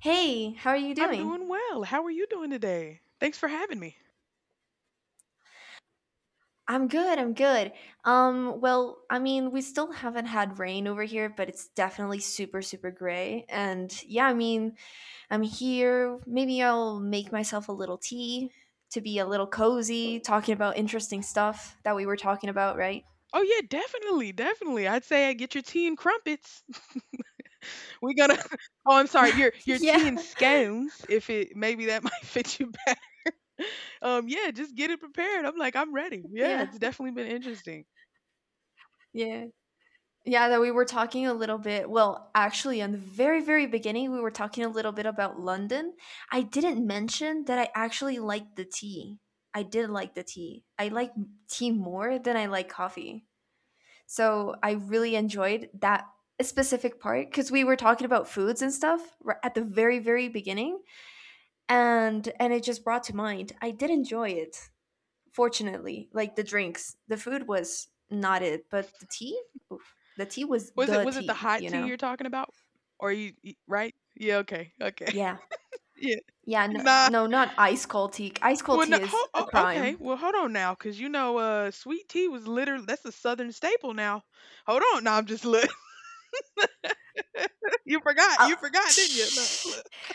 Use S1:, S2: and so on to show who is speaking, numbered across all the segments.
S1: Hey, how are you
S2: I'm
S1: doing?
S2: doing well. How are you doing today? Thanks for having me.
S1: I'm good. We still haven't had rain over here, but it's definitely super gray. And yeah, I'm here. Maybe I'll make myself a little tea to be a little cozy, talking about interesting stuff that we were talking about, right?
S2: Oh yeah, definitely. I'd say I get your tea and crumpets. We're gonna. Oh, I'm sorry. Your tea
S1: Yeah,
S2: and scones. If it maybe that might fit you better. Yeah, just get it prepared. I'm ready. Yeah,
S1: yeah,
S2: it's definitely been interesting.
S1: yeah. Yeah, that we were talking a little bit. In the very beginning, we were talking a little bit about London. I didn't mention that I actually liked the tea. I did like the tea. I like tea more than I like coffee. So I really enjoyed that specific part because we were talking about foods and stuff at the very beginning, and it just brought to mind. I did enjoy it. Fortunately, like the drinks, the food was not it, but the tea, the tea was
S2: Was it
S1: the
S2: was it the
S1: tea,
S2: hot
S1: you
S2: tea
S1: know?
S2: you're talking about? Right? Yeah. Okay. Okay.
S1: Yeah.
S2: Yeah.
S1: Yeah, no,
S2: Nah.
S1: no, not ice cold tea. Ice cold
S2: Well,
S1: tea
S2: no.
S1: is a
S2: Oh, okay.
S1: crime.
S2: Well, hold on now, because sweet tea was literally that's a southern staple now. Hold on. Now I'm just look. You forgot.
S1: I
S2: You forgot, didn't you? No. Look.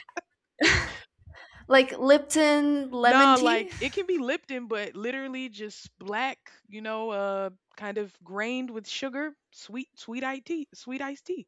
S1: like Lipton lemon
S2: No,
S1: tea?
S2: like it can be Lipton, but literally just black, kind of grained with sugar, sweet iced tea, sweet iced tea.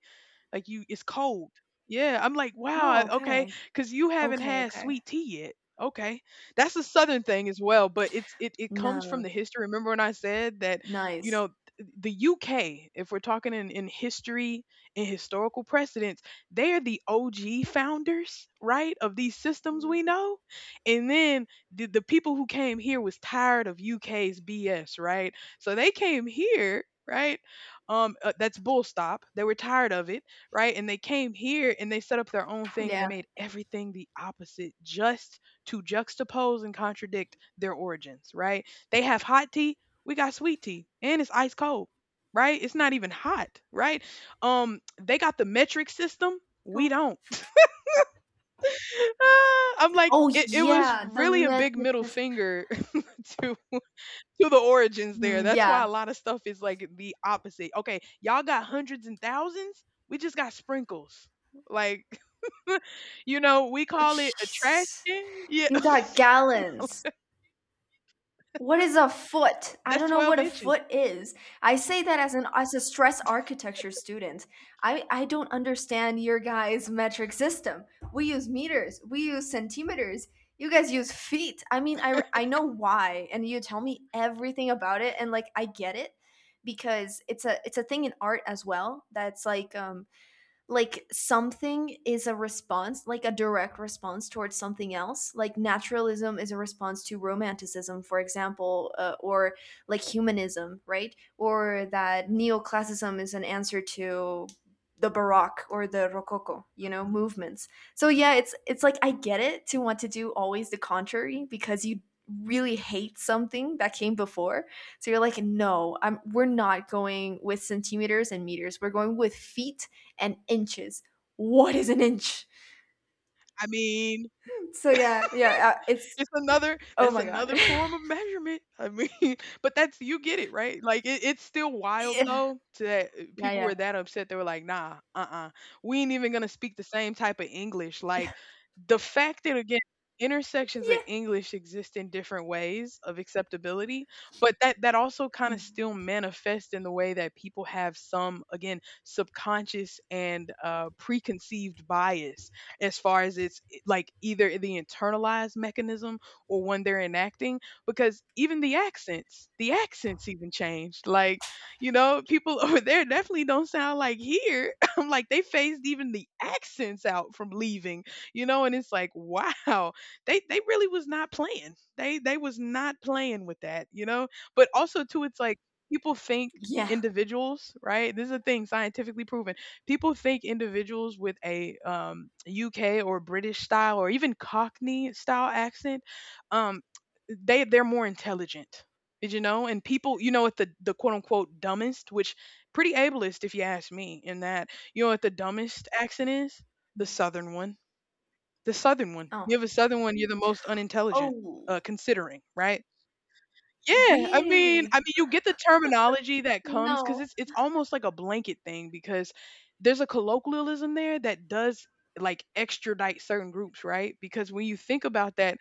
S2: Like you it's cold. Yeah, I'm like, wow,
S1: Oh,
S2: okay,
S1: okay.
S2: because you haven't
S1: Okay,
S2: had
S1: okay.
S2: sweet tea yet. Okay, that's a southern thing as well, but it comes from
S1: No.
S2: the history. Remember when I said that, you
S1: Nice.
S2: know, the UK, if we're talking in history and historical precedents, they are the OG founders, right, of these systems we know. And then the people who came here was tired of U.K.'s BS, right? So they came here, right? That's bull stop. They were tired of it, right? And they came here and they set up their own thing and they
S1: Yeah.
S2: made everything the opposite just to juxtapose and contradict their origins, right? They have hot tea, we got sweet tea, and it's ice cold, right? It's not even hot, right? They got the metric system, we
S1: Oh,
S2: don't. Ah, I'm like
S1: oh,
S2: it was
S1: yeah, the
S2: really a big
S1: metric
S2: middle
S1: system.
S2: finger to the origins there.
S1: Mm,
S2: That's why
S1: yeah.
S2: a lot of stuff is like the opposite. Okay, y'all got hundreds and thousands, we just got sprinkles. Like, you know, we call it a trash
S1: Jesus.
S2: can. Yeah,
S1: You got gallons. What is a foot? I
S2: that's
S1: don't know
S2: 12
S1: what a
S2: inches.
S1: foot is. I say that as an as a stress architecture student. I don't understand your guys' metric system. We use meters, we use centimeters. You guys use feet. I mean, I know why, and you tell me everything about it, and like I get it because it's a thing in art as well, that's like something is a response, like a direct response towards something else, like naturalism is a response to romanticism, for example, or like humanism, right? Or that neoclassicism is an answer to the baroque or the rococo, you know,
S2: Mhm.
S1: movements. So yeah, it's like I get it to want to do always the contrary, because you really hate something that came before, so you're like, no, I'm we're not going with centimeters and meters, we're going with feet and inches. What is an inch?
S2: I mean,
S1: So yeah, yeah, it's
S2: It's
S1: oh my god.
S2: another form of measurement. I mean, but that's, you get it, right? It's still wild
S1: Yeah,
S2: though to that
S1: yeah,
S2: people
S1: yeah,
S2: were that upset. They were like, nah, uh-uh. We ain't even gonna speak the same type of English. Like the fact that, again, intersections of
S1: yeah,
S2: English exist in different ways of acceptability, but that that also kind of
S1: mm.
S2: still manifests in the way that people have some, again, subconscious and preconceived bias as far as it's, like, either the internalized mechanism or when they're enacting, because even the accents even changed. Like, you know, people over there definitely don't sound like here. I'm like, they phased even the accents out from leaving, you know, and it's like, wow, they really was not playing, they was not playing with that, you know. But also too, it's like, people think
S1: Yeah.
S2: individuals, right? This is a thing scientifically proven. People think individuals with a UK or British style or even Cockney style accent, um, they they're more intelligent. Did you know? And people, you know, at the quote unquote dumbest, which pretty ableist if you ask me, in that, you know what the dumbest accent is? The
S1: Mm.
S2: southern one. The southern one. You have
S1: Oh,
S2: a southern one, you're the most unintelligent,
S1: oh,
S2: considering, right? Yeah,
S1: really?
S2: you get the terminology that comes because
S1: No.
S2: it's almost like a blanket thing because there's a colloquialism there that does, like, extradite certain groups, right? Because when you think about that,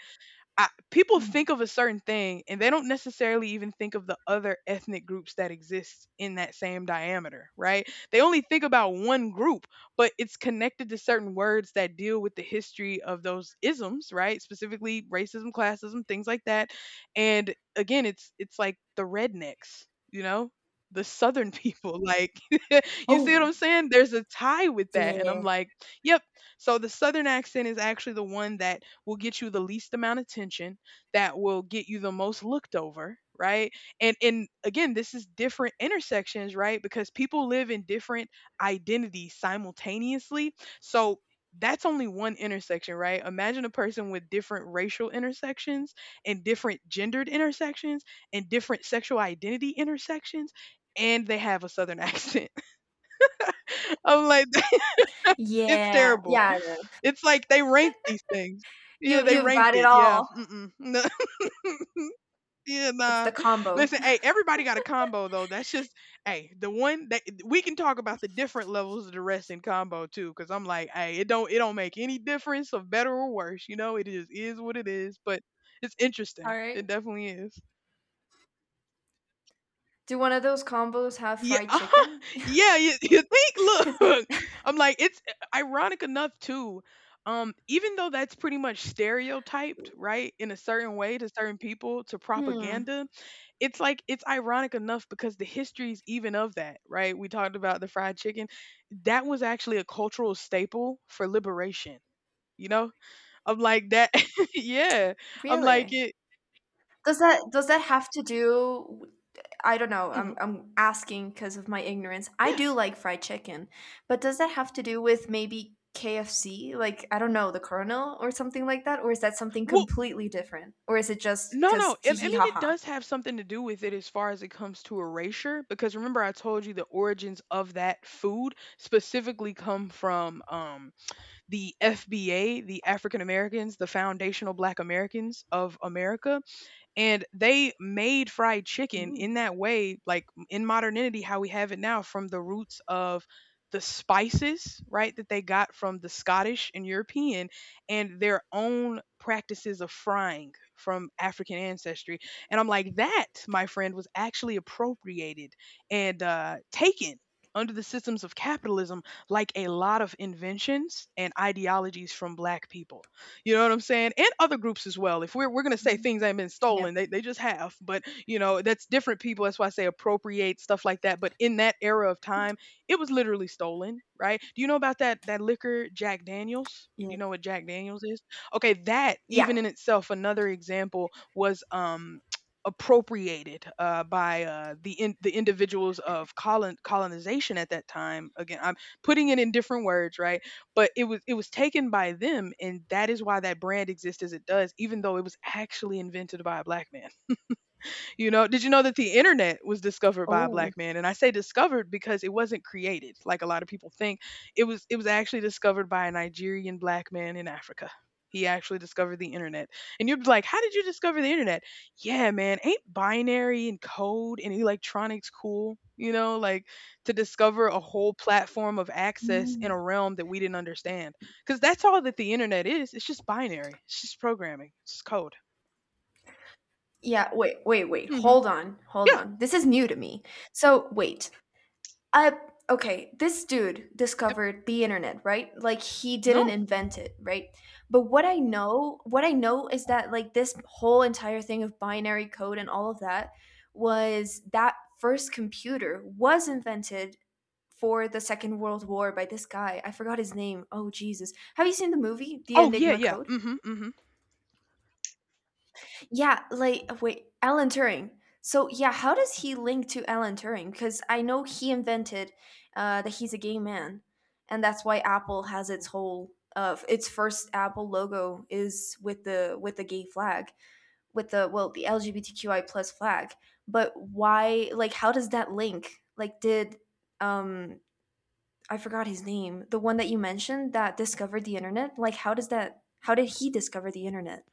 S2: people think
S1: Mm.
S2: of a certain thing and they don't necessarily even think of the other ethnic groups that exist in that same diameter, right? They only think about one group, but it's connected to certain words that deal with the history of those isms, right? Specifically racism, classism, things like that. And again, it's like the rednecks, you know? The southern people, like you see what
S1: Oh,
S2: I'm saying? There's a tie with that. And
S1: yeah,
S2: I'm like, yep. So the southern accent is actually the one that will get you the least amount of attention, that will get you the most looked over, right? And again, this is different intersections, right? Because people live in different identities simultaneously. So that's only one intersection, right? Imagine a person with different racial intersections and different gendered intersections and different sexual identity intersections and they have a southern accent. I'm like it's
S1: yeah,
S2: terrible.
S1: yeah. I know.
S2: It's like they ranked these things. Yeah,
S1: You,
S2: they
S1: you've got
S2: ranked
S1: it
S2: it. Yeah.
S1: all.
S2: Mm-mm.
S1: It,
S2: Yeah,
S1: it's the
S2: nah.
S1: combo.
S2: Listen, hey, everybody got a combo though. That's just, hey, the one that we can talk about the different levels of the rest in combo too, because I'm like, hey, it don't make any difference of better or worse. You know, it just is what it is. But it's
S1: All
S2: interesting.
S1: right.
S2: It definitely is.
S1: Do one of those combos have
S2: Yeah,
S1: fried chicken?
S2: yeah, you think,
S1: Because you.
S2: look, I'm like, ironic enough too. Even though that's pretty much stereotyped, right, in a certain way, to certain people, to
S1: Hmm.
S2: propaganda, it's like it's ironic enough because the histories even of that, right? We talked about the fried chicken. That was actually a cultural staple for liberation, you know? I'm like that, yeah. I'm like
S1: Really?
S2: it.
S1: Does that have to do, I don't know. I'm
S2: Mhm,
S1: I'm asking because of my ignorance. I
S2: yeah.
S1: do like fried chicken, but does that have to do with maybe KFC? Like I don't know, the Colonel or something like that, or is that something
S2: Well,
S1: completely different? Or is it just
S2: no,
S1: because
S2: no.
S1: hee
S2: I
S1: hee
S2: mean,
S1: ha
S2: it
S1: ha?
S2: does have something to do with it as far as it comes to erasure, because remember I told you the origins of that food specifically come from the FBA, the African Americans, the Foundational Black Americans of America, and they made fried chicken
S1: Ooh.
S2: in that way, like in modernity how we have it now, from the roots of the spices, right, that they got from the Scottish and European, and their own practices of frying from African ancestry. And I'm like, that, my friend, was actually appropriated and taken under the systems of capitalism, like a lot of inventions and ideologies from black people. You know what I'm saying? And other groups as well. If we're gonna say
S1: Mm.
S2: things ain't been
S1: Yeah.
S2: stolen, they just have. But you know, that's different people. That's why I say appropriate stuff like that. But in that era of time, it was literally stolen, right? Do you know about that liquor Jack Daniels?
S1: Yeah.
S2: Do you know what Jack Daniels is? Okay, that
S1: Yeah.
S2: even in itself, another example was appropriated by the individuals of colonization at that time. Again, I'm putting it in different words, right? But it was taken by them, and that is why that brand exists as it does, even though it was actually invented by a black man. You know, did you know that the internet was discovered by a
S1: Oh.
S2: black man? And I say discovered because it wasn't created, like a lot of people think. It was, actually discovered by a Nigerian black man in Africa. He actually discovered the internet. And you'd be like, "How did you discover the internet?" Yeah, man, ain't binary and code and electronics cool? You know, like, to discover a whole platform of access in
S1: Mm.
S2: a realm that we didn't understand. Cuz that's all that the internet is. It's just binary. It's just programming. It's just code.
S1: Yeah. Wait. Wait. Wait.
S2: Mhm.
S1: Hold on. Hold
S2: Yeah.
S1: on. This is new to me. So wait. Uh, okay, this dude
S2: Yep.
S1: discovered the internet, right? Like he didn't
S2: No.
S1: invent it, right? But what I know is that like this whole entire thing of binary code and all of that was that first computer was invented for the Second World War by this guy. I forgot his name. Oh Jesus. Have you seen the movie The
S2: Oh, yeah,
S1: Enigma
S2: yeah,
S1: Code?
S2: mhm, mhm.
S1: Yeah, like wait, Alan Turing. So yeah, how does he link to Alan Turing? Because I know he invented that he's a gay man, and that's why Apple has its whole its first Apple logo is with the gay flag, with the, well, the LGBTQI plus flag. But why? Like, how does that link? Like, did um I forgot his name, the one that you mentioned that discovered the internet? Like, how does that? How did he discover the internet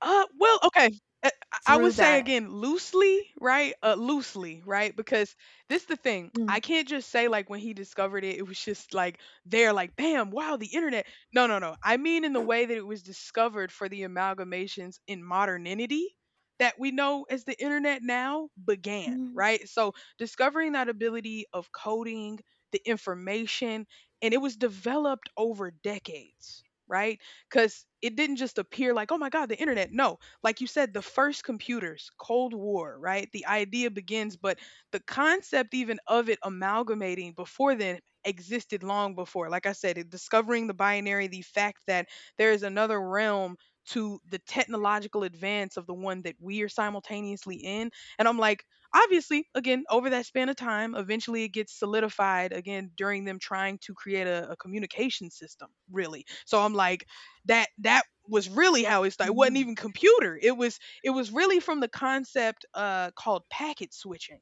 S2: Okay, I would
S1: through
S2: say
S1: that?
S2: again, loosely, right? Loosely, right? Because this the thing, I can't just say, like, when he discovered it, it was just, like, there, like, "Bam, wow, the internet." No, no, no, I mean in the way that it was discovered for the amalgamations in modernity that we know as the internet now began,
S1: Mm.
S2: right? So, discovering that ability of coding, the information, and it was developed over decades, right? Because it didn't just appear like, oh my God, the internet. No, like you said, the first computers, Cold War, right? The idea begins, but the concept even of it amalgamating before then existed long before. Like I said, discovering the binary, the fact that there is another realm to the technological advance of the one that we are simultaneously in. And I'm like, obviously, again, over that span of time, eventually it gets solidified again during them trying to create a communication system, really. So I'm like, that was really how it started. It wasn't even
S1: Mm.
S2: computer. It was really from the concept called packet switching.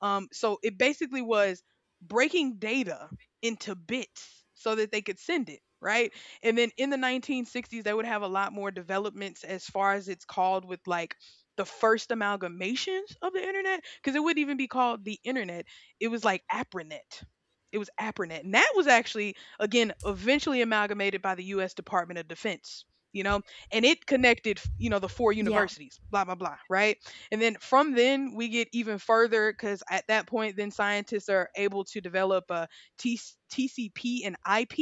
S2: So it basically was breaking data into bits so that they could send it, right. And then in the 1960s, they would have a lot more developments as far as it's called, with like the first amalgamations of the internet, because it wouldn't even be called the internet. It was like APRANET. It was APRANET, and that was actually again eventually amalgamated by the US Department of Defense, you know, and it connected, you know, the four
S1: Yeah,
S2: universities blah blah blah, right? And then from then we get even further because at that point then scientists are able to develop a T- tcp and ip,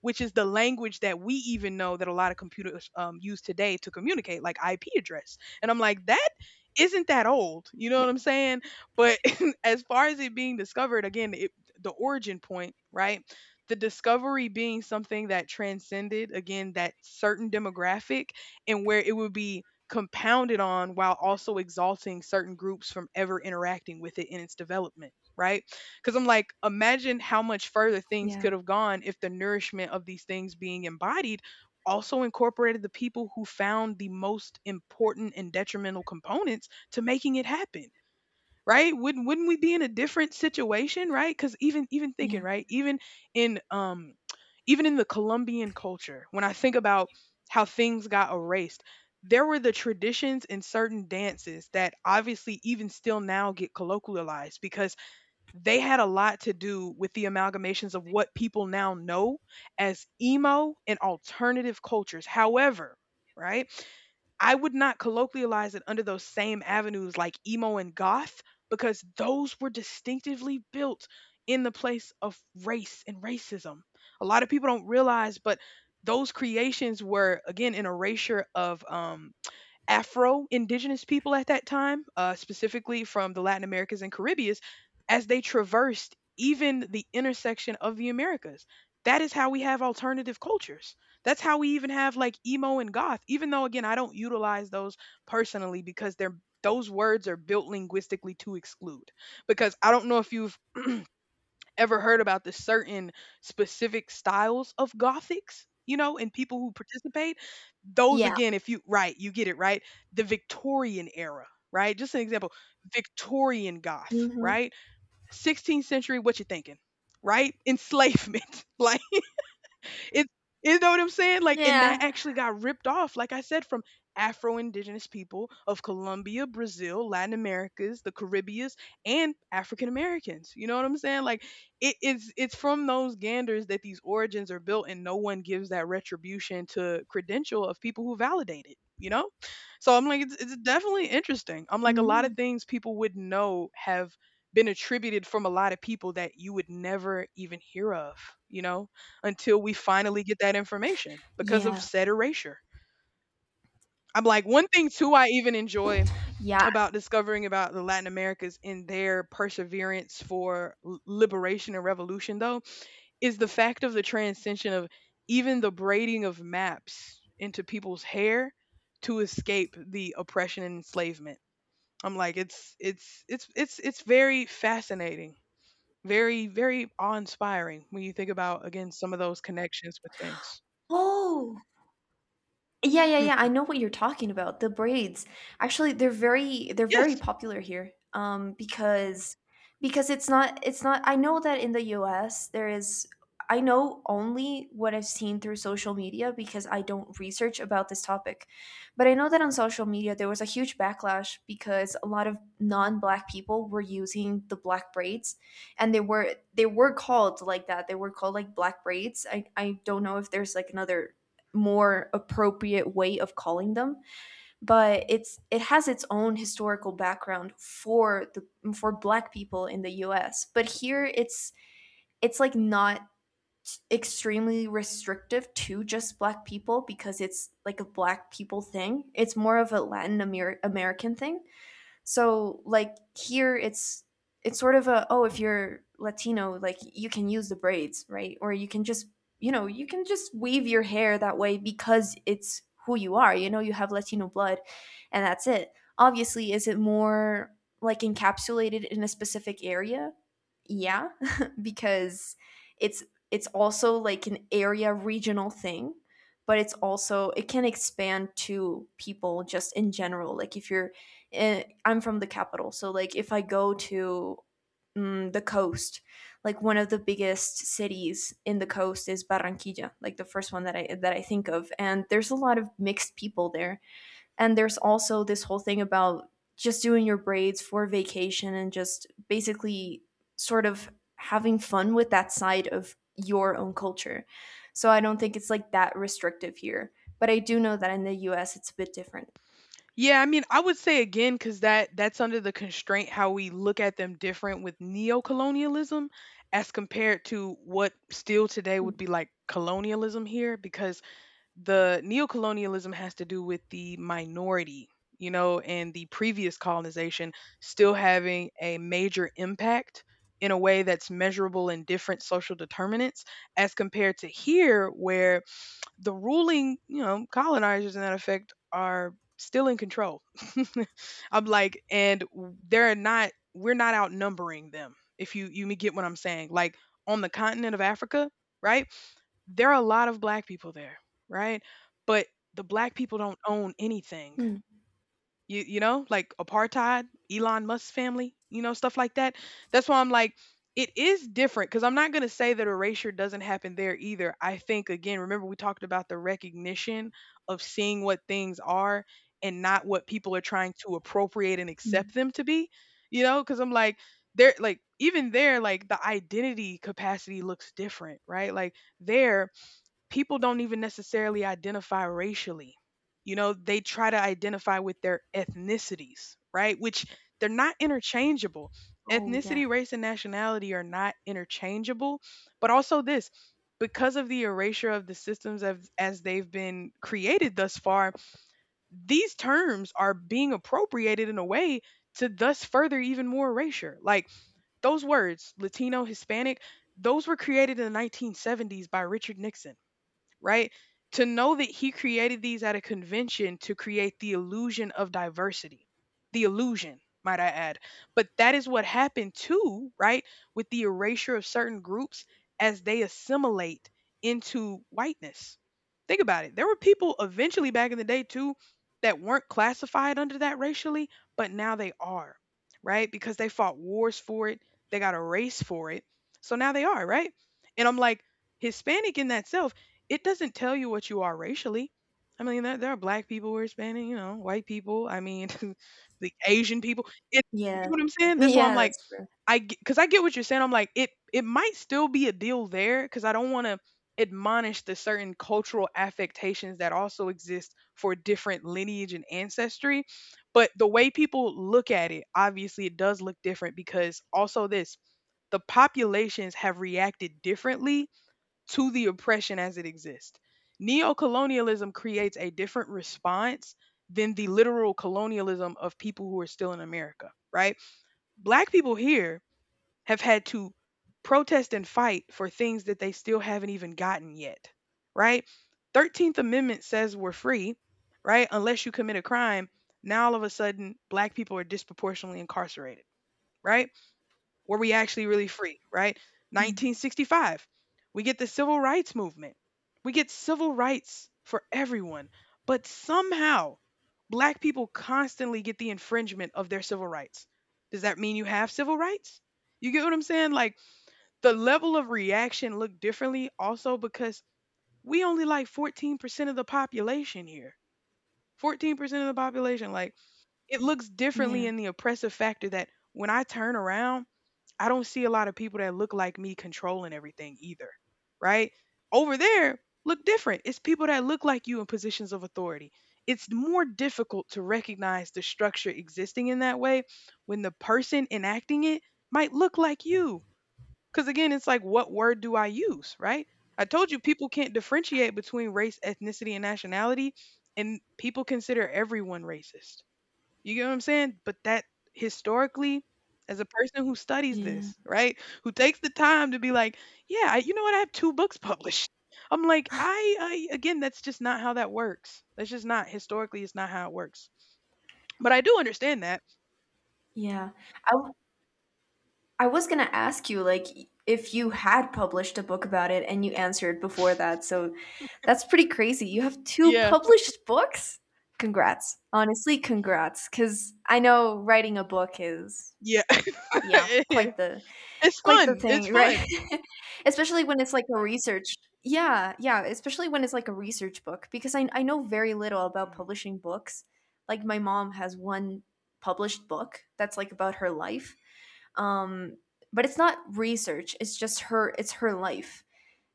S2: which is the language that we even know that a lot of computers use today to communicate, like ip address. And I'm like, that isn't that old, you know what
S1: yeah.
S2: I'm saying but as far as it being discovered again, it, the origin point, right? The discovery being something that transcended again that certain demographic, and where it would be compounded on while also exalting certain groups from ever interacting with it in its development, right? Because I'm like, imagine how much further things
S1: Yeah,
S2: could have gone if the nourishment of these things being embodied also incorporated the people who found the most important and detrimental components to making it happen, right? Wouldn't we be in a different situation, right? Because even thinking,
S1: yeah.
S2: right? Even in even in the colombian culture, when I think about how things got erased, there were the traditions and certain dances that obviously even still now get colloquialized because they had a lot to do with the amalgamations of what people now know as emo and alternative cultures. However, right, I would not colloquialize it under those same avenues like emo and goth, because those were distinctively built in the place of race and racism. A lot of people don't realize, but those creations were again an erasure of Afro indigenous people at that time, specifically from the Latin Americas and Caribbeans, as they traversed even the intersection of the Americas. That is how we have alternative cultures. That's how we even have like emo and goth, even though, again, I don't utilize those personally because they're those words are built linguistically to exclude. Because I don't know if you've ever heard about the certain specific styles of gothics, you know, and people who participate those
S1: Yeah,
S2: again, if you right, you get it, right? The Victorian era, right? Just an example, Victorian Goth,
S1: mhm.
S2: right? 16th century, what you thinking, right? Enslavement, like. It's, you know what I'm saying? Like, and that
S1: Yeah.
S2: actually got ripped off, like I said, from Afro Indigenous people of Colombia, Brazil, Latin Americas, the Caribbeans, and African Americans. You know what I'm saying? Like, it's from those ganders that these origins are built, and no one gives that retribution to credential of people who validate it. You know, so I'm like, it's definitely interesting. I'm like, a lot
S1: Mm.
S2: of things people would know have been attributed from a lot of people that you would never even hear of. You know, until we finally get that information because of
S1: Yeah,
S2: said erasure. I'm like, one thing too, I even enjoy
S1: yeah.
S2: about discovering about the Latin Americas in their perseverance for liberation and revolution, though, is the fact of the transcension of even the braiding of maps into people's hair to escape the oppression and enslavement. I'm like, it's very fascinating, very awe inspiring when you think about again some of those connections with things.
S1: Oh! Yeah, yeah, yeah. I
S2: Mm.
S1: know what you're talking about. The braids. Actually, they're very
S2: Yes.
S1: popular here. Because it's not, I know that in the US there is, I know only what I've seen through social media because I don't research about this topic. But I know that on social media there was a huge backlash because a lot of non-black people were using the black braids, and they were called like that. They were called like black braids. I don't know if there's like another more appropriate way of calling them, but it has its own historical background for the, for black people in the US, but here it's like not extremely restrictive to just black people, because it's like a black people thing, it's more of a American thing. So like here it's sort of a, oh, if you're Latino, like you can use the braids, right? Or you can just, you know, you can just weave your hair that way because it's who you are. You know, you have Latino blood, and that's it. Obviously, is it more like encapsulated in a specific area? Yeah. Because it's it's also like an area regional thing, but it's also it can expand to people just in general, like if you're, I'm from the capital, so like if I go to, mm, the coast, like one of the biggest cities in the coast is Barranquilla, like the first one that I think of, and there's a lot of mixed people there. And there's also this whole thing about just doing your braids for vacation and just basically sort of having fun with that side of your own culture. So I don't think it's like that restrictive here. But I do know that in the US it's a bit different.
S2: Yeah, I mean, I would say again because that that's under the constraint how we look at them different with neocolonialism as compared to what still today would be like colonialism here, because the neocolonialism has to do with the minority, you know, and the previous colonization still having a major impact in a way that's measurable in different social determinants, as compared to here where the ruling, you know, colonizers in that effect are still in control. I'm like, and they're not, we're not outnumbering them. If you you get what I'm saying, like on the continent of Africa, right? There are a lot of black people there, right? But the black people don't own anything.
S1: Mm.
S2: You know, like apartheid, elon musk's family, you know, stuff like that. That's why I'm like, it is different because I'm not going to say that erasure doesn't happen there either. I think again, remember, we talked about the recognition of seeing what things are and not what people are trying to appropriate and accept
S1: Mm.
S2: them to be. You know, because I'm like, they're like even there, like the identity capacity looks different, right? Like there people don't even necessarily identify racially. You know, they try to identify with their ethnicities, right? Which they're not interchangeable.
S1: Oh yeah.
S2: Ethnicity, race, and nationality are not interchangeable. But also, this because of the erasure of the systems of, as they've been created thus far, these terms are being appropriated in a way to thus further even more erasure. Like those words, Latino, Hispanic, those were created in the 1970s by Richard Nixon, right? To know that he created these at a convention to create the illusion of diversity, the illusion, might I add. But that is what happened too, right? With the erasure of certain groups as they assimilate into whiteness. Think about it. There were people eventually back in the day too that weren't classified under that racially, but now they are, right? Because they fought wars for it, they got a race for it. So now they are, right? And I'm like, Hispanic in that self, it doesn't tell you what you are racially. I mean, there are black people who are Hispanic, you know, white people. I mean, the Asian people. It, you
S1: Yeah.
S2: get what I'm saying? That's why I'm
S1: Yeah,
S2: like,
S1: that's true.
S2: I because I get what you're saying. I'm like, it might still be a deal there because I don't want to admonish the certain cultural affectations that also exist for different lineage and ancestry. But the way people look at it, obviously, it does look different because also this the populations have reacted differently to the oppression as it exists. Neocolonialism creates a different response than the literal colonialism of people who are still in America, right? Black people here have had to protest and fight for things that they still haven't even gotten yet, right? 13th Amendment says we're free, right? Unless you commit a crime. Now all of a sudden, black people are disproportionately incarcerated, right? Were we actually really free, right?
S1: Mm.
S2: 1965, we get the Civil Rights Movement. We get civil rights for everyone. But somehow, black people constantly get the infringement of their civil rights. Does that mean you have civil rights? You get what I'm saying? Like the level of reaction looked differently also because we only like 14% of the population here. 14% of the population, like it looks differently
S1: Yeah.
S2: in the oppressive factor that when I turn around, I don't see a lot of people that look like me controlling everything either, right? Over there, look different. It's people that look like you in positions of authority. It's more difficult to recognize the structure existing in that way when the person enacting it might look like you. Because again, it's like, what word do I use, right? I told you people can't differentiate between race, ethnicity, and nationality, and people consider everyone racist. You get what I'm saying? But that historically, as a person who studies
S1: Yeah.
S2: this, right? Who takes the time to be like, yeah, I, you know what? I have two books published. I'm like, again, that's just not how that works. That's just not historically, it's not how it works. But I do understand that.
S1: Yeah. I I was gonna ask you, like, if you had published a book about it, and you answered before that. So that's pretty crazy. You have two
S2: Yeah.
S1: published books? Congrats. Honestly, congrats. Cause I know writing a book is,
S2: Yeah.
S1: yeah,
S2: it's
S1: quite the
S2: fun. It's
S1: thing, right?
S2: fun.
S1: Especially when it's like a research, yeah, yeah, especially when it's like a research book, because I know very little about
S2: Mhm.
S1: publishing books. Like my mom has one published book that's like about her life. Um but it's not research, it's just her, it's her life.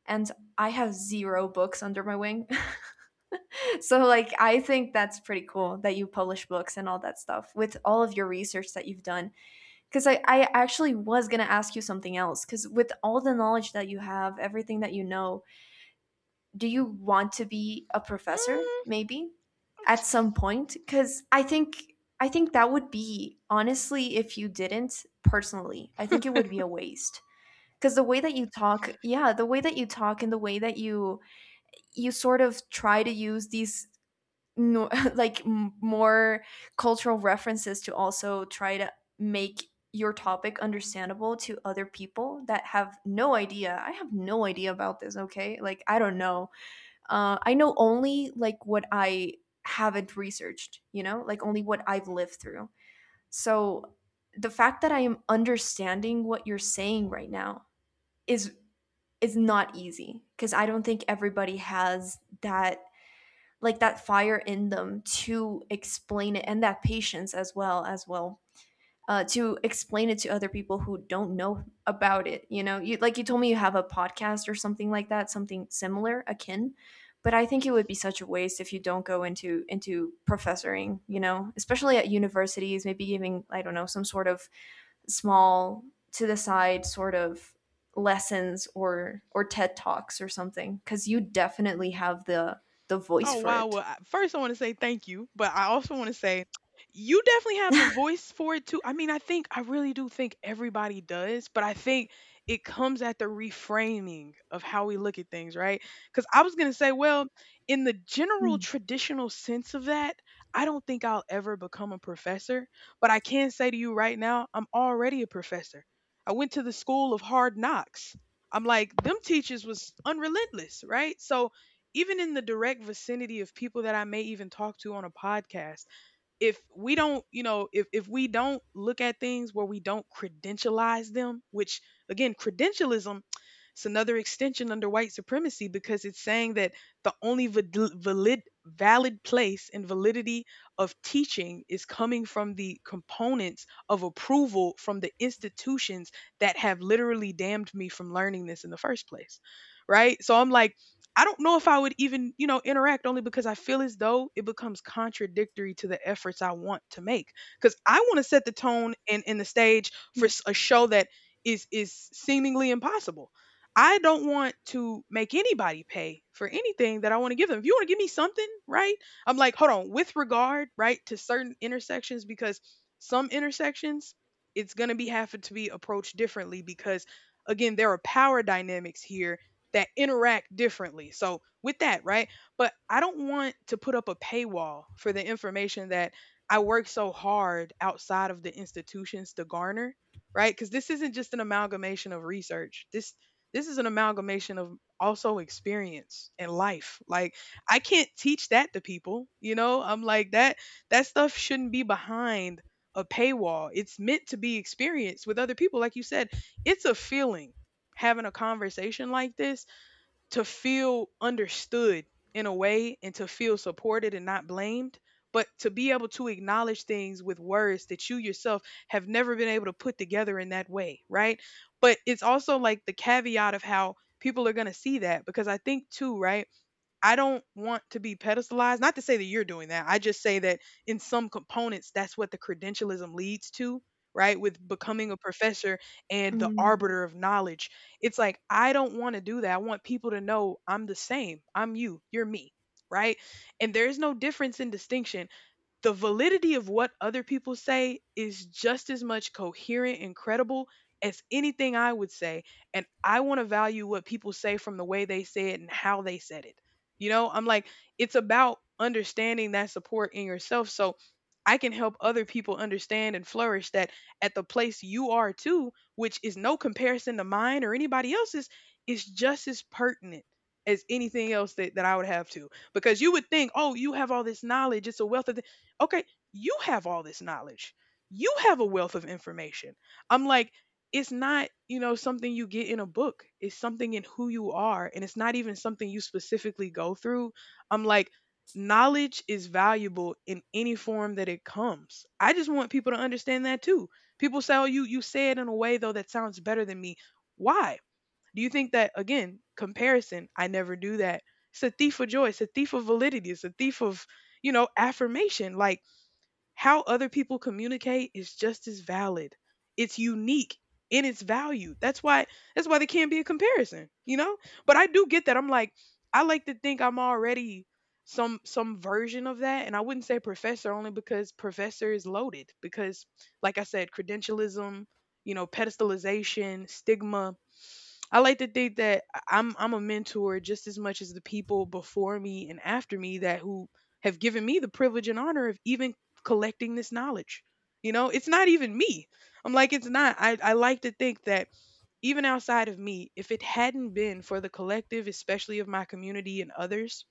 S1: And I have 0 books under my wing. So like I think that's pretty cool that you publish books and all that stuff with all of your research that you've done. Because I actually was going to ask you something else. Because with all the knowledge that you have, everything that you know, do you want to be a professor
S2: Mm.
S1: maybe at some point? Because I think that would be, honestly, if you didn't personally, I think it would be a waste. Because the way that you talk, yeah, the way that you talk and the way that you sort of try to use these, no like more cultural references, to also try to make your topic understandable to other people that have no idea. I have no idea about this, okay? Like I don't know, I know only like what I haven't researched, you know, like only what I've lived through. So the fact that I am understanding what you're saying right now is is not easy, because I don't think everybody has that, like that fire in them to explain it, and that patience as well, to explain it to other people who don't know about it. You know, you, like you told me, you have a podcast or something like that, something similar akin. But I think it would be such a waste if you don't go into professoring, you know, especially at universities, maybe giving, I don't know, some sort of small to the side sort of lessons, or TED talks or something, because you definitely have the voice
S2: Oh
S1: for
S2: wow.
S1: it.
S2: Well, first I want to say thank you, but I also want to say you definitely have the voice for it too. I mean, I think I really do think everybody does, but I think it comes at the reframing of how we look at things, right? Cuz I was going to say, well, in the general traditional sense of that, I don't think I'll ever become a professor, but I can say to you right now, I'm already a professor. I went to the school of hard knocks. I'm like, them teachers was unrelentless, right? So even in the direct vicinity of people that I may even talk to on a podcast, if we don't, you know, if we don't look at things where we don't credentialize them, which again, credentialism, it's another extension under white supremacy because it's saying that the only valid valid place and validity of teaching is coming from the components of approval from the institutions that have literally damned me from learning this in the first place, right? So I'm like, I don't know if I would even, you know, interact only because I feel as though it becomes contradictory to the efforts I want to make. Because I want to set the tone and the stage for
S1: Mm,
S2: a show that is seemingly impossible. I don't want to make anybody pay for anything that I want to give them. If you want to give me something, right? I'm like, hold on, with regard, right, to certain intersections, because some intersections, it's gonna be having to be approached differently because again, there are power dynamics here that interact differently. So with that, right? But I don't want to put up a paywall for the information that I work so hard outside of the institutions to garner, right? Cuz this isn't just an amalgamation of research. This is an amalgamation of also experience and life. Like I can't teach that to people, you know? I'm like that stuff shouldn't be behind a paywall. It's meant to be experienced with other people like you said. It's a feeling having a conversation like this, to feel understood in a way and to feel supported and not blamed, but to be able to acknowledge things with words that you yourself have never been able to put together in that way, right? But it's also like the caveat of how people are going to see that, because I think too, right? I don't want to be pedestalized. Not to say that you're doing that. I just say that in some components, that's what the credentialism leads to, right? With becoming a professor and the
S1: mm.
S2: arbiter of knowledge. It's like, I don't want to do that. I want people to know I'm the same. I'm you. You're me, right? And there's no difference in distinction. The validity of what other people say is just as much coherent and credible as anything I would say. And I want to value what people say from the way they say it and how they said it. You know, I'm like, it's about understanding that support in yourself. So I can help other people understand and flourish, that at the place you are too, which is no comparison to mine or anybody else's, is just as pertinent as anything else that, that I would have to. Because you would think, oh, you have all this knowledge, it's a wealth of, okay, you have all this knowledge. You have a wealth of information. I'm like, it's not, you know, something you get in a book. It's something in who you are. And it's not even something you specifically go through. I'm like, knowledge is valuable in any form that it comes. I just want people to understand that too. People say, oh, you say it in a way though that sounds better than me. Why? Do you think that, again, comparison, I never do that. It's a thief of joy. It's a thief of validity. It's a thief of, you know, affirmation. Like how other people communicate is just as valid. It's unique in its value. That's why, that's why there can't be a comparison, you know? But I do get that. I'm like, I like to think I'm already some version of that. And I wouldn't say professor, only because professor is loaded. Because like I said, credentialism, you know, pedestalization, stigma, I like to think that I'm a mentor just as much as the people before me and after me, that who have given me the privilege and honor of even collecting this knowledge. You know, it's not even me. I'm like, it's not. I like to think that even outside of me, if it hadn't been for the collective, especially of my community and others,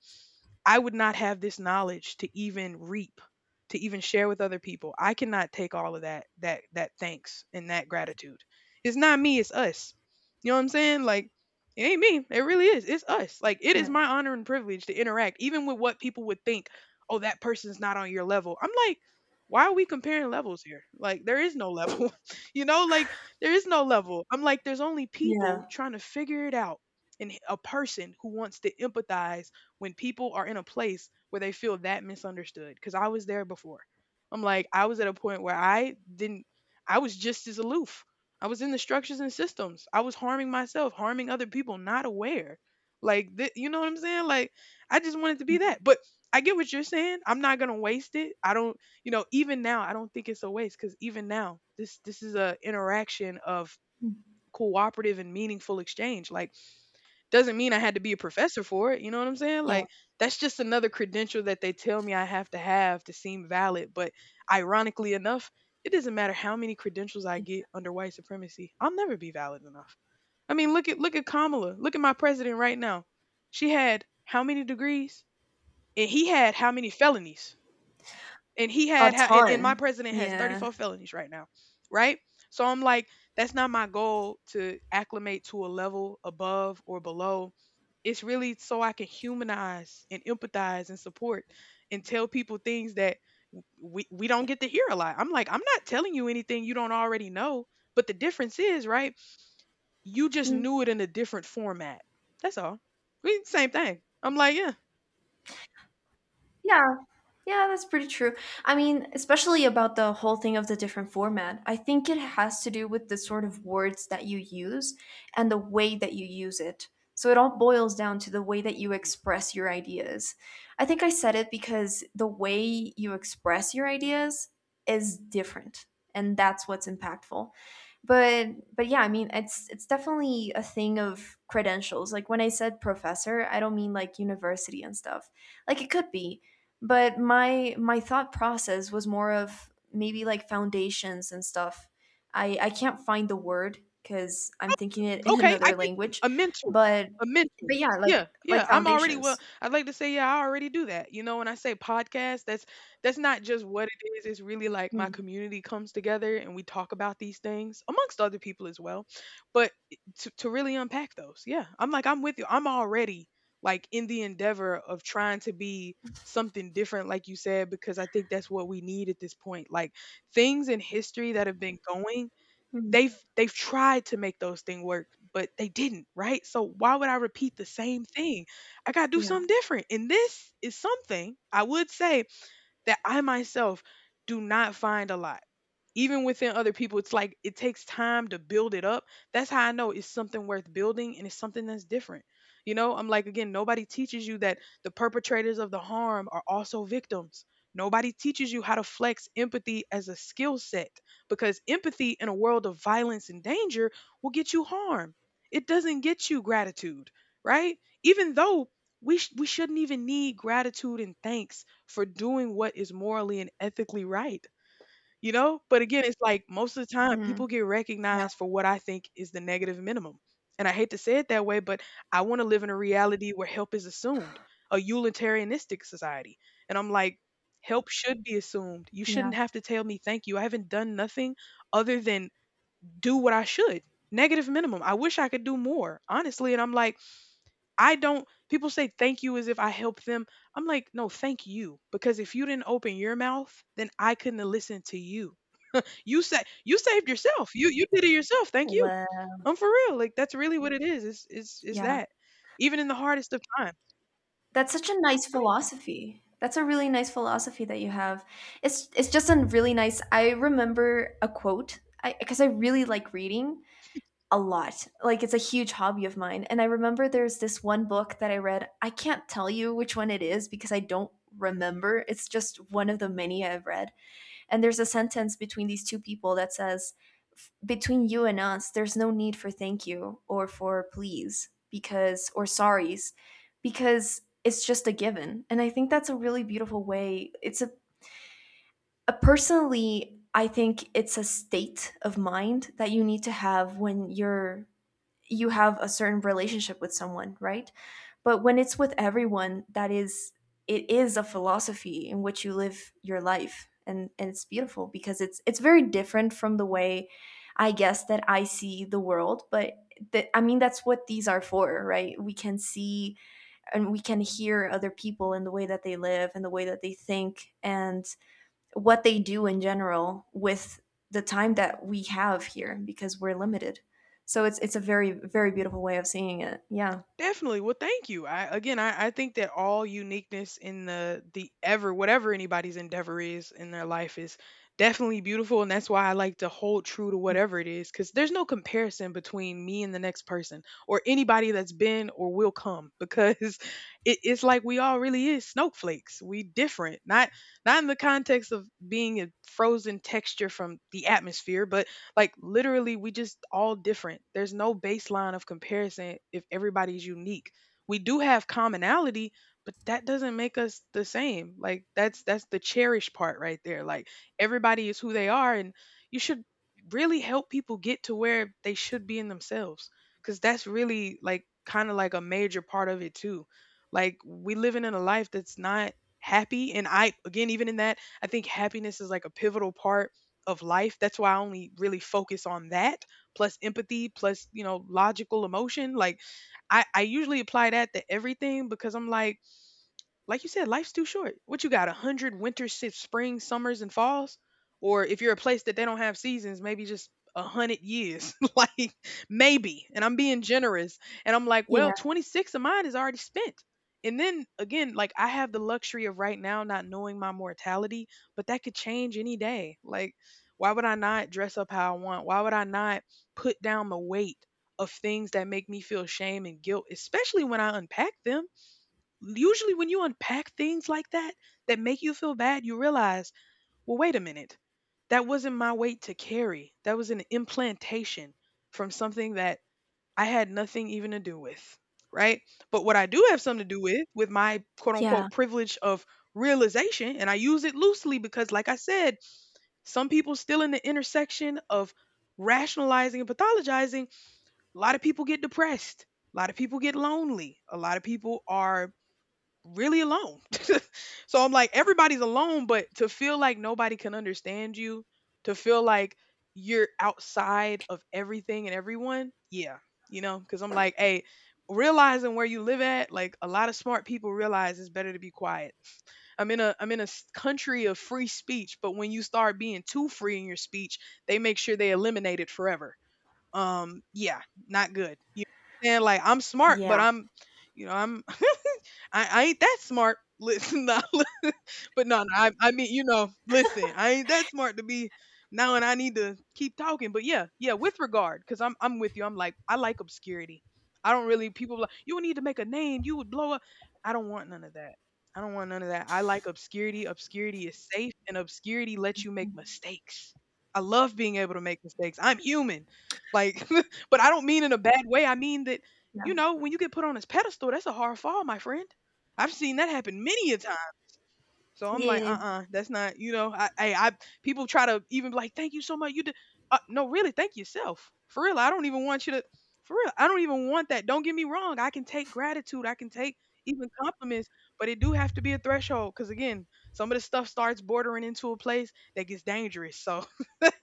S2: I would not have this knowledge to even reap, to even share with other people. I cannot take all of that thanks and that gratitude. It's not me, it's us, you know what I'm saying? Like, it ain't me. It really is. It's us. Like, it is
S1: Yeah.
S2: my honor and privilege to interact, even with what people would think, oh, that person's not on your level. I'm like, why are we comparing levels here? Like, there is no level. You know, like, there is no level. I'm like, there's only people
S1: Yeah.
S2: trying to figure it out. And a person who wants to empathize when people are in a place where they feel that misunderstood. Because I was there before. I'm like, I was at a point where I didn't, I was just as aloof. I was in the structures and systems. I was harming myself, harming other people, not aware. Like, th- you know what I'm saying? Like, I just wanted to be
S1: Mm,
S2: that. But I get what you're saying. I'm not gonna waste it. I don't, you know, even now, I don't think it's a waste, because even now, this is a interaction of
S1: mm.
S2: cooperative and meaningful exchange. Like, doesn't mean I had to be a professor for it, you know what I'm saying?
S1: Yeah.
S2: Like that's just another credential that they tell me I have to seem valid, but ironically enough, it doesn't matter how many credentials I get under white supremacy. I'll never be valid enough. I mean, look at Kamala. Look at my president right now. She had how many degrees? And he had how many felonies? And he
S1: A
S2: had ha- and my
S1: ton.
S2: president has
S1: Yeah.
S2: 34 felonies right now, right? So I'm like, that's not my goal, to acclimate to a level above or below. It's really so I can humanize and empathize and support, and tell people things that we don't
S1: Yeah.
S2: get to hear a lot. I'm like, I'm not telling you anything you don't already know, but the difference is, right, you just
S1: Mm,
S2: knew it in a different format. That's all. We same thing. I'm like, yeah.
S1: yeah. Yeah, that's pretty true. I mean, especially about the whole thing of the different format, I think it has to do with the sort of words that you use and the way that you use it. So it all boils down to the way that you express your ideas. I think I said it because the way you express your ideas is different, and that's what's impactful. but but yeah, I mean, it's definitely a thing of credentials. Like when I said professor, I don't mean like university and stuff. Like it could be, but my thought process was more of maybe like foundations and stuff. I can't find the word because I'm thinking it in
S2: Okay, I
S1: another
S2: get you.
S1: language.
S2: A mentor.
S1: but
S2: A
S1: but
S2: mentor.
S1: yeah, like
S2: Yeah,
S1: like
S2: yeah. I'm already, well
S1: foundations.
S2: I'd like to say, yeah, I already do that. You know, when I say podcast, that's not just what it is. It's really like my
S1: Hmm.
S2: community comes together and we talk about these things amongst other people as well. But to really unpack those, yeah. I'm like, I'm with you. I'm already like in the endeavor of trying to be something different, like you said, because I think that's what we need at this point. Like things in history that have been going,
S1: Hmm.
S2: they've tried to make those things work, but they didn't, right? So why would I repeat the same thing? I gotta do
S1: Yeah.
S2: something different. And this is something I would say that I myself do not find a lot, even within other people. It's like it takes time to build it up. That's how I know it's something worth building, and it's something that's different. You know, I'm like, again, nobody teaches you that the perpetrators of the harm are also victims. Nobody teaches you how to flex empathy as a skill set, because empathy in a world of violence and danger will get you harm. It doesn't get you gratitude, right? Even though we shouldn't even need gratitude and thanks for doing what is morally and ethically right, you know? But again, it's like most of the time
S1: Hmm.
S2: people get
S1: Yeah.
S2: recognized for what I think is the negative minimum. And I hate to say it that way, but I want to live in a reality where help is assumed, a utilitarianistic society. And I'm like, help should be assumed. You
S1: Yeah.
S2: shouldn't have to tell me thank you. I haven't done nothing other than do what I should. Negative minimum. I wish I could do more, honestly. And I'm like, I don't, people say thank you as if I help them. I'm like, no, thank you. Because if you didn't open your mouth, then I couldn't have listened to you. You saved yourself. You did it yourself. Thank you.
S1: Well,
S2: I'm for real. Like that's really what it is. It's
S1: yeah.
S2: that. Even in the hardest of times.
S1: That's such a nice philosophy. That's a really nice philosophy that you have. It's just a really nice, I remember a quote I, because I really like reading a lot. Like it's a huge hobby of mine. And I remember there's this one book that I read. I can't tell you which one it is because I don't remember. It's just one of the many I've read. And there's a sentence between these two people that says, between you and us, there's no need for thank you or for please, because, or sorries, because it's just a given. And I think that's a really beautiful way. It's a, personally, I think it's a state of mind that you need to have when you're, you have a certain relationship with someone, right? But when it's with everyone, that is, it is a philosophy in which you live your life, and it's beautiful because it's very different from the way I guess that I see the world. But that, I mean, that's what these are for, right? We can see and we can hear other people and the way that they live and the way that they think and what they do in general with the time that we have here, because we're limited. So it's a very beautiful way of seeing it. Yeah.
S2: Definitely. Well, thank you. I again, I think that all uniqueness in the ever, whatever anybody's endeavor is in their life, is definitely beautiful, and that's why I like to hold true to whatever it is, because there's no comparison between me and the next person or anybody that's been or will come, because it's like we all really is snowflakes. We different, not in the context of being a frozen texture from the atmosphere, but like literally, we just all different. There's no baseline of comparison if everybody's unique. We do have commonality, but that doesn't make us the same. Like that's the cherished part right there. Like everybody is who they are, and you should really help people get to where they should be in themselves, cuz that's really like kind of like a major part of it too. Like we living in a life that's not happy, and I again even in that I think happiness is like a pivotal part of life. That's why I only really focus on that, plus empathy, plus, you know, logical emotion. Like I usually apply that to everything because I'm like you said, life's too short. What you got, a hundred winters, shifts, spring, summers, and falls? Or if you're a place that they don't have seasons, maybe just a hundred years. Like maybe. And I'm being generous. And I'm like, well,
S1: Yeah.
S2: 26 of mine is already spent. And then again, like I have the luxury of right now not knowing my mortality, but that could change any day. Like, why would I not dress up how I want? Why would I not put down the weight of things that make me feel shame and guilt, especially when I unpack them? Usually when you unpack things like that that make you feel bad, you realize, well, wait a minute. That wasn't my weight to carry. That was an implantation from something that I had nothing even to do with. Right. But what I do have something to do with my quote
S1: Yeah.
S2: unquote privilege of realization, and I use it loosely because, like I said, some people still in the intersection of rationalizing and pathologizing, a lot of people get depressed. A lot of people get lonely. A lot of people are really alone. So I'm like, everybody's alone, but to feel like nobody can understand you, to feel like you're outside of everything and everyone, yeah, you know, because I'm like, hey, realizing where you live at, like a lot of smart people realize it's better to be quiet. I'm in a country of free speech, but when you start being too free in your speech, they make sure they eliminate it forever. Yeah, not good. You know what I'm saying? Like I'm smart, but
S1: Yeah.
S2: I'm, you know, I'm I ain't that smart. Listen, no, but no, no, I mean, you know, listen, I ain't that smart to be now, and I need to keep talking. But yeah, with regard, because I'm with you. I'm like, I like obscurity. I don't really people like you would need to make a name. You would blow up. I don't want none of that. I don't want none of that. I like obscurity. Obscurity is safe, and obscurity lets you make
S1: Mm,
S2: mistakes. I love being able to make mistakes. I'm human, like, but I don't mean in a bad way. I mean that
S1: yeah.
S2: you know when you get put on this pedestal, that's a hard fall, my friend. I've seen that happen many a time so I'm like,
S1: Yeah.
S2: uh-uh, that's not, you know, I people try to even be like, thank you so much. You did, no, really, thank yourself. For real, I don't even want you to. For real, I don't even want that. Don't get me wrong. I can take gratitude. I can take even compliments, but it do have to be a threshold. Cause again, some of the stuff starts bordering into a place that gets dangerous. So, but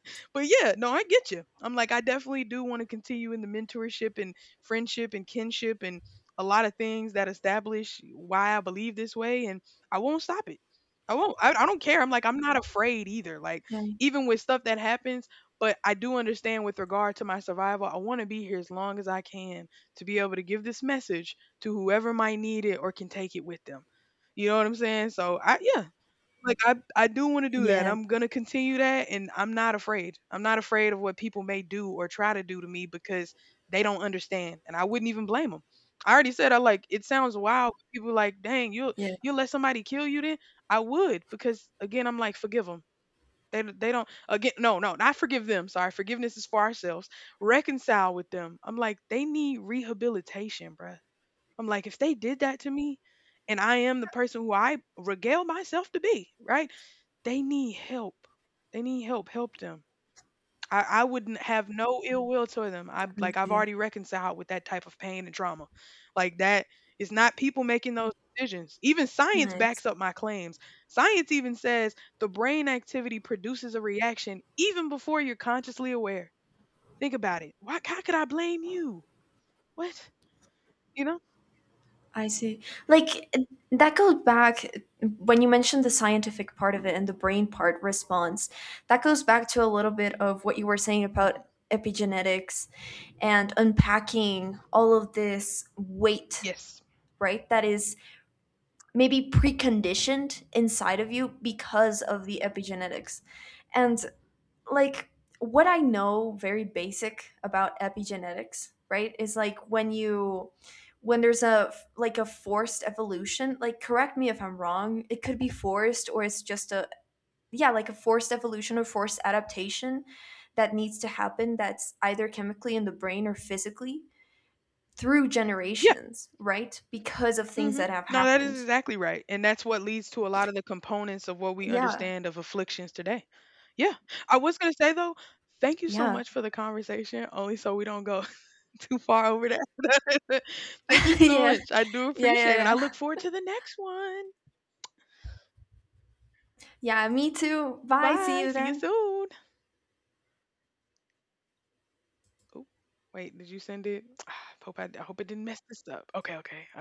S2: yeah, no, I get you. I'm like, I definitely do want to continue in the mentorship and friendship and kinship and a lot of things that establish why I believe this way, and I won't stop it. I won't. I don't care. I'm like, I'm not afraid either. Like, even with stuff that happens, but I do understand with regard to my survival, I want to be here as long as I can to be able to give this message to whoever might need it or can take it with them. You know what I'm saying? So, I, yeah, like, I do wanna do that,
S1: Yeah.
S2: I'm gonna continue that, and I'm not afraid. I'm not afraid of what people may do or try to do to me because they don't understand, and I wouldn't even blame them. I already said I like it sounds wild, but people like, "Dang, you'll
S1: Yeah. Yeah.
S2: you'll let somebody kill you then?" I would because, again, I'm like, forgive them. They don't again not forgive them, sorry, forgiveness is for ourselves. Reconcile with them. I'm like, "They need rehabilitation, bruh." I'm like, "If they did that to me, and I am the person who I regale myself to be, right? They need help. They need help. Help them. I wouldn't have no ill will toward them. I
S1: I
S2: like I've
S1: see.
S2: already reconciled with that type of pain and trauma. Like that is not people making those decisions. Even science
S1: Nice.
S2: backs up my claims. Science even says the brain activity produces a reaction even before you're consciously aware. Think about it. Why how could I blame you? What? You know?
S1: I see. Like that goes back when you mentioned the scientific part of it and the brain part response. That goes back to a little bit of what you were saying about
S2: Mhm.
S1: epigenetics and unpacking all of this weight,
S2: Yes.
S1: right? That is maybe preconditioned inside of you because of the epigenetics. And like what I know very basic about epigenetics, right, is like when you, when there's a like a forced evolution, like correct me if I'm wrong, it could be forced or it's just a, yeah, like a forced evolution or forced adaptation that needs to happen that's either chemically in the brain or physically through
S2: Yeah.
S1: generations, right? Because of things
S2: Mhm.
S1: that have
S2: No, that is
S1: happened.
S2: exactly right. And that's what leads to a lot of the components of what we
S1: Yeah,
S2: understand of afflictions today. Yeah. I was going to say, though, thank you so
S1: yeah.
S2: much for the conversation, only so we don't go too far over that. Thank you so
S1: Yeah.
S2: much. I do
S1: Yeah,
S2: appreciate it. And
S1: yeah,
S2: I look
S1: yeah.
S2: forward to the next one.
S1: Yeah, me too. Bye, see
S2: Bye.
S1: you
S2: See you
S1: then. Yeah.
S2: soon. Oh, wait, did you send it? I hope it didn't mess this up. Okay, okay.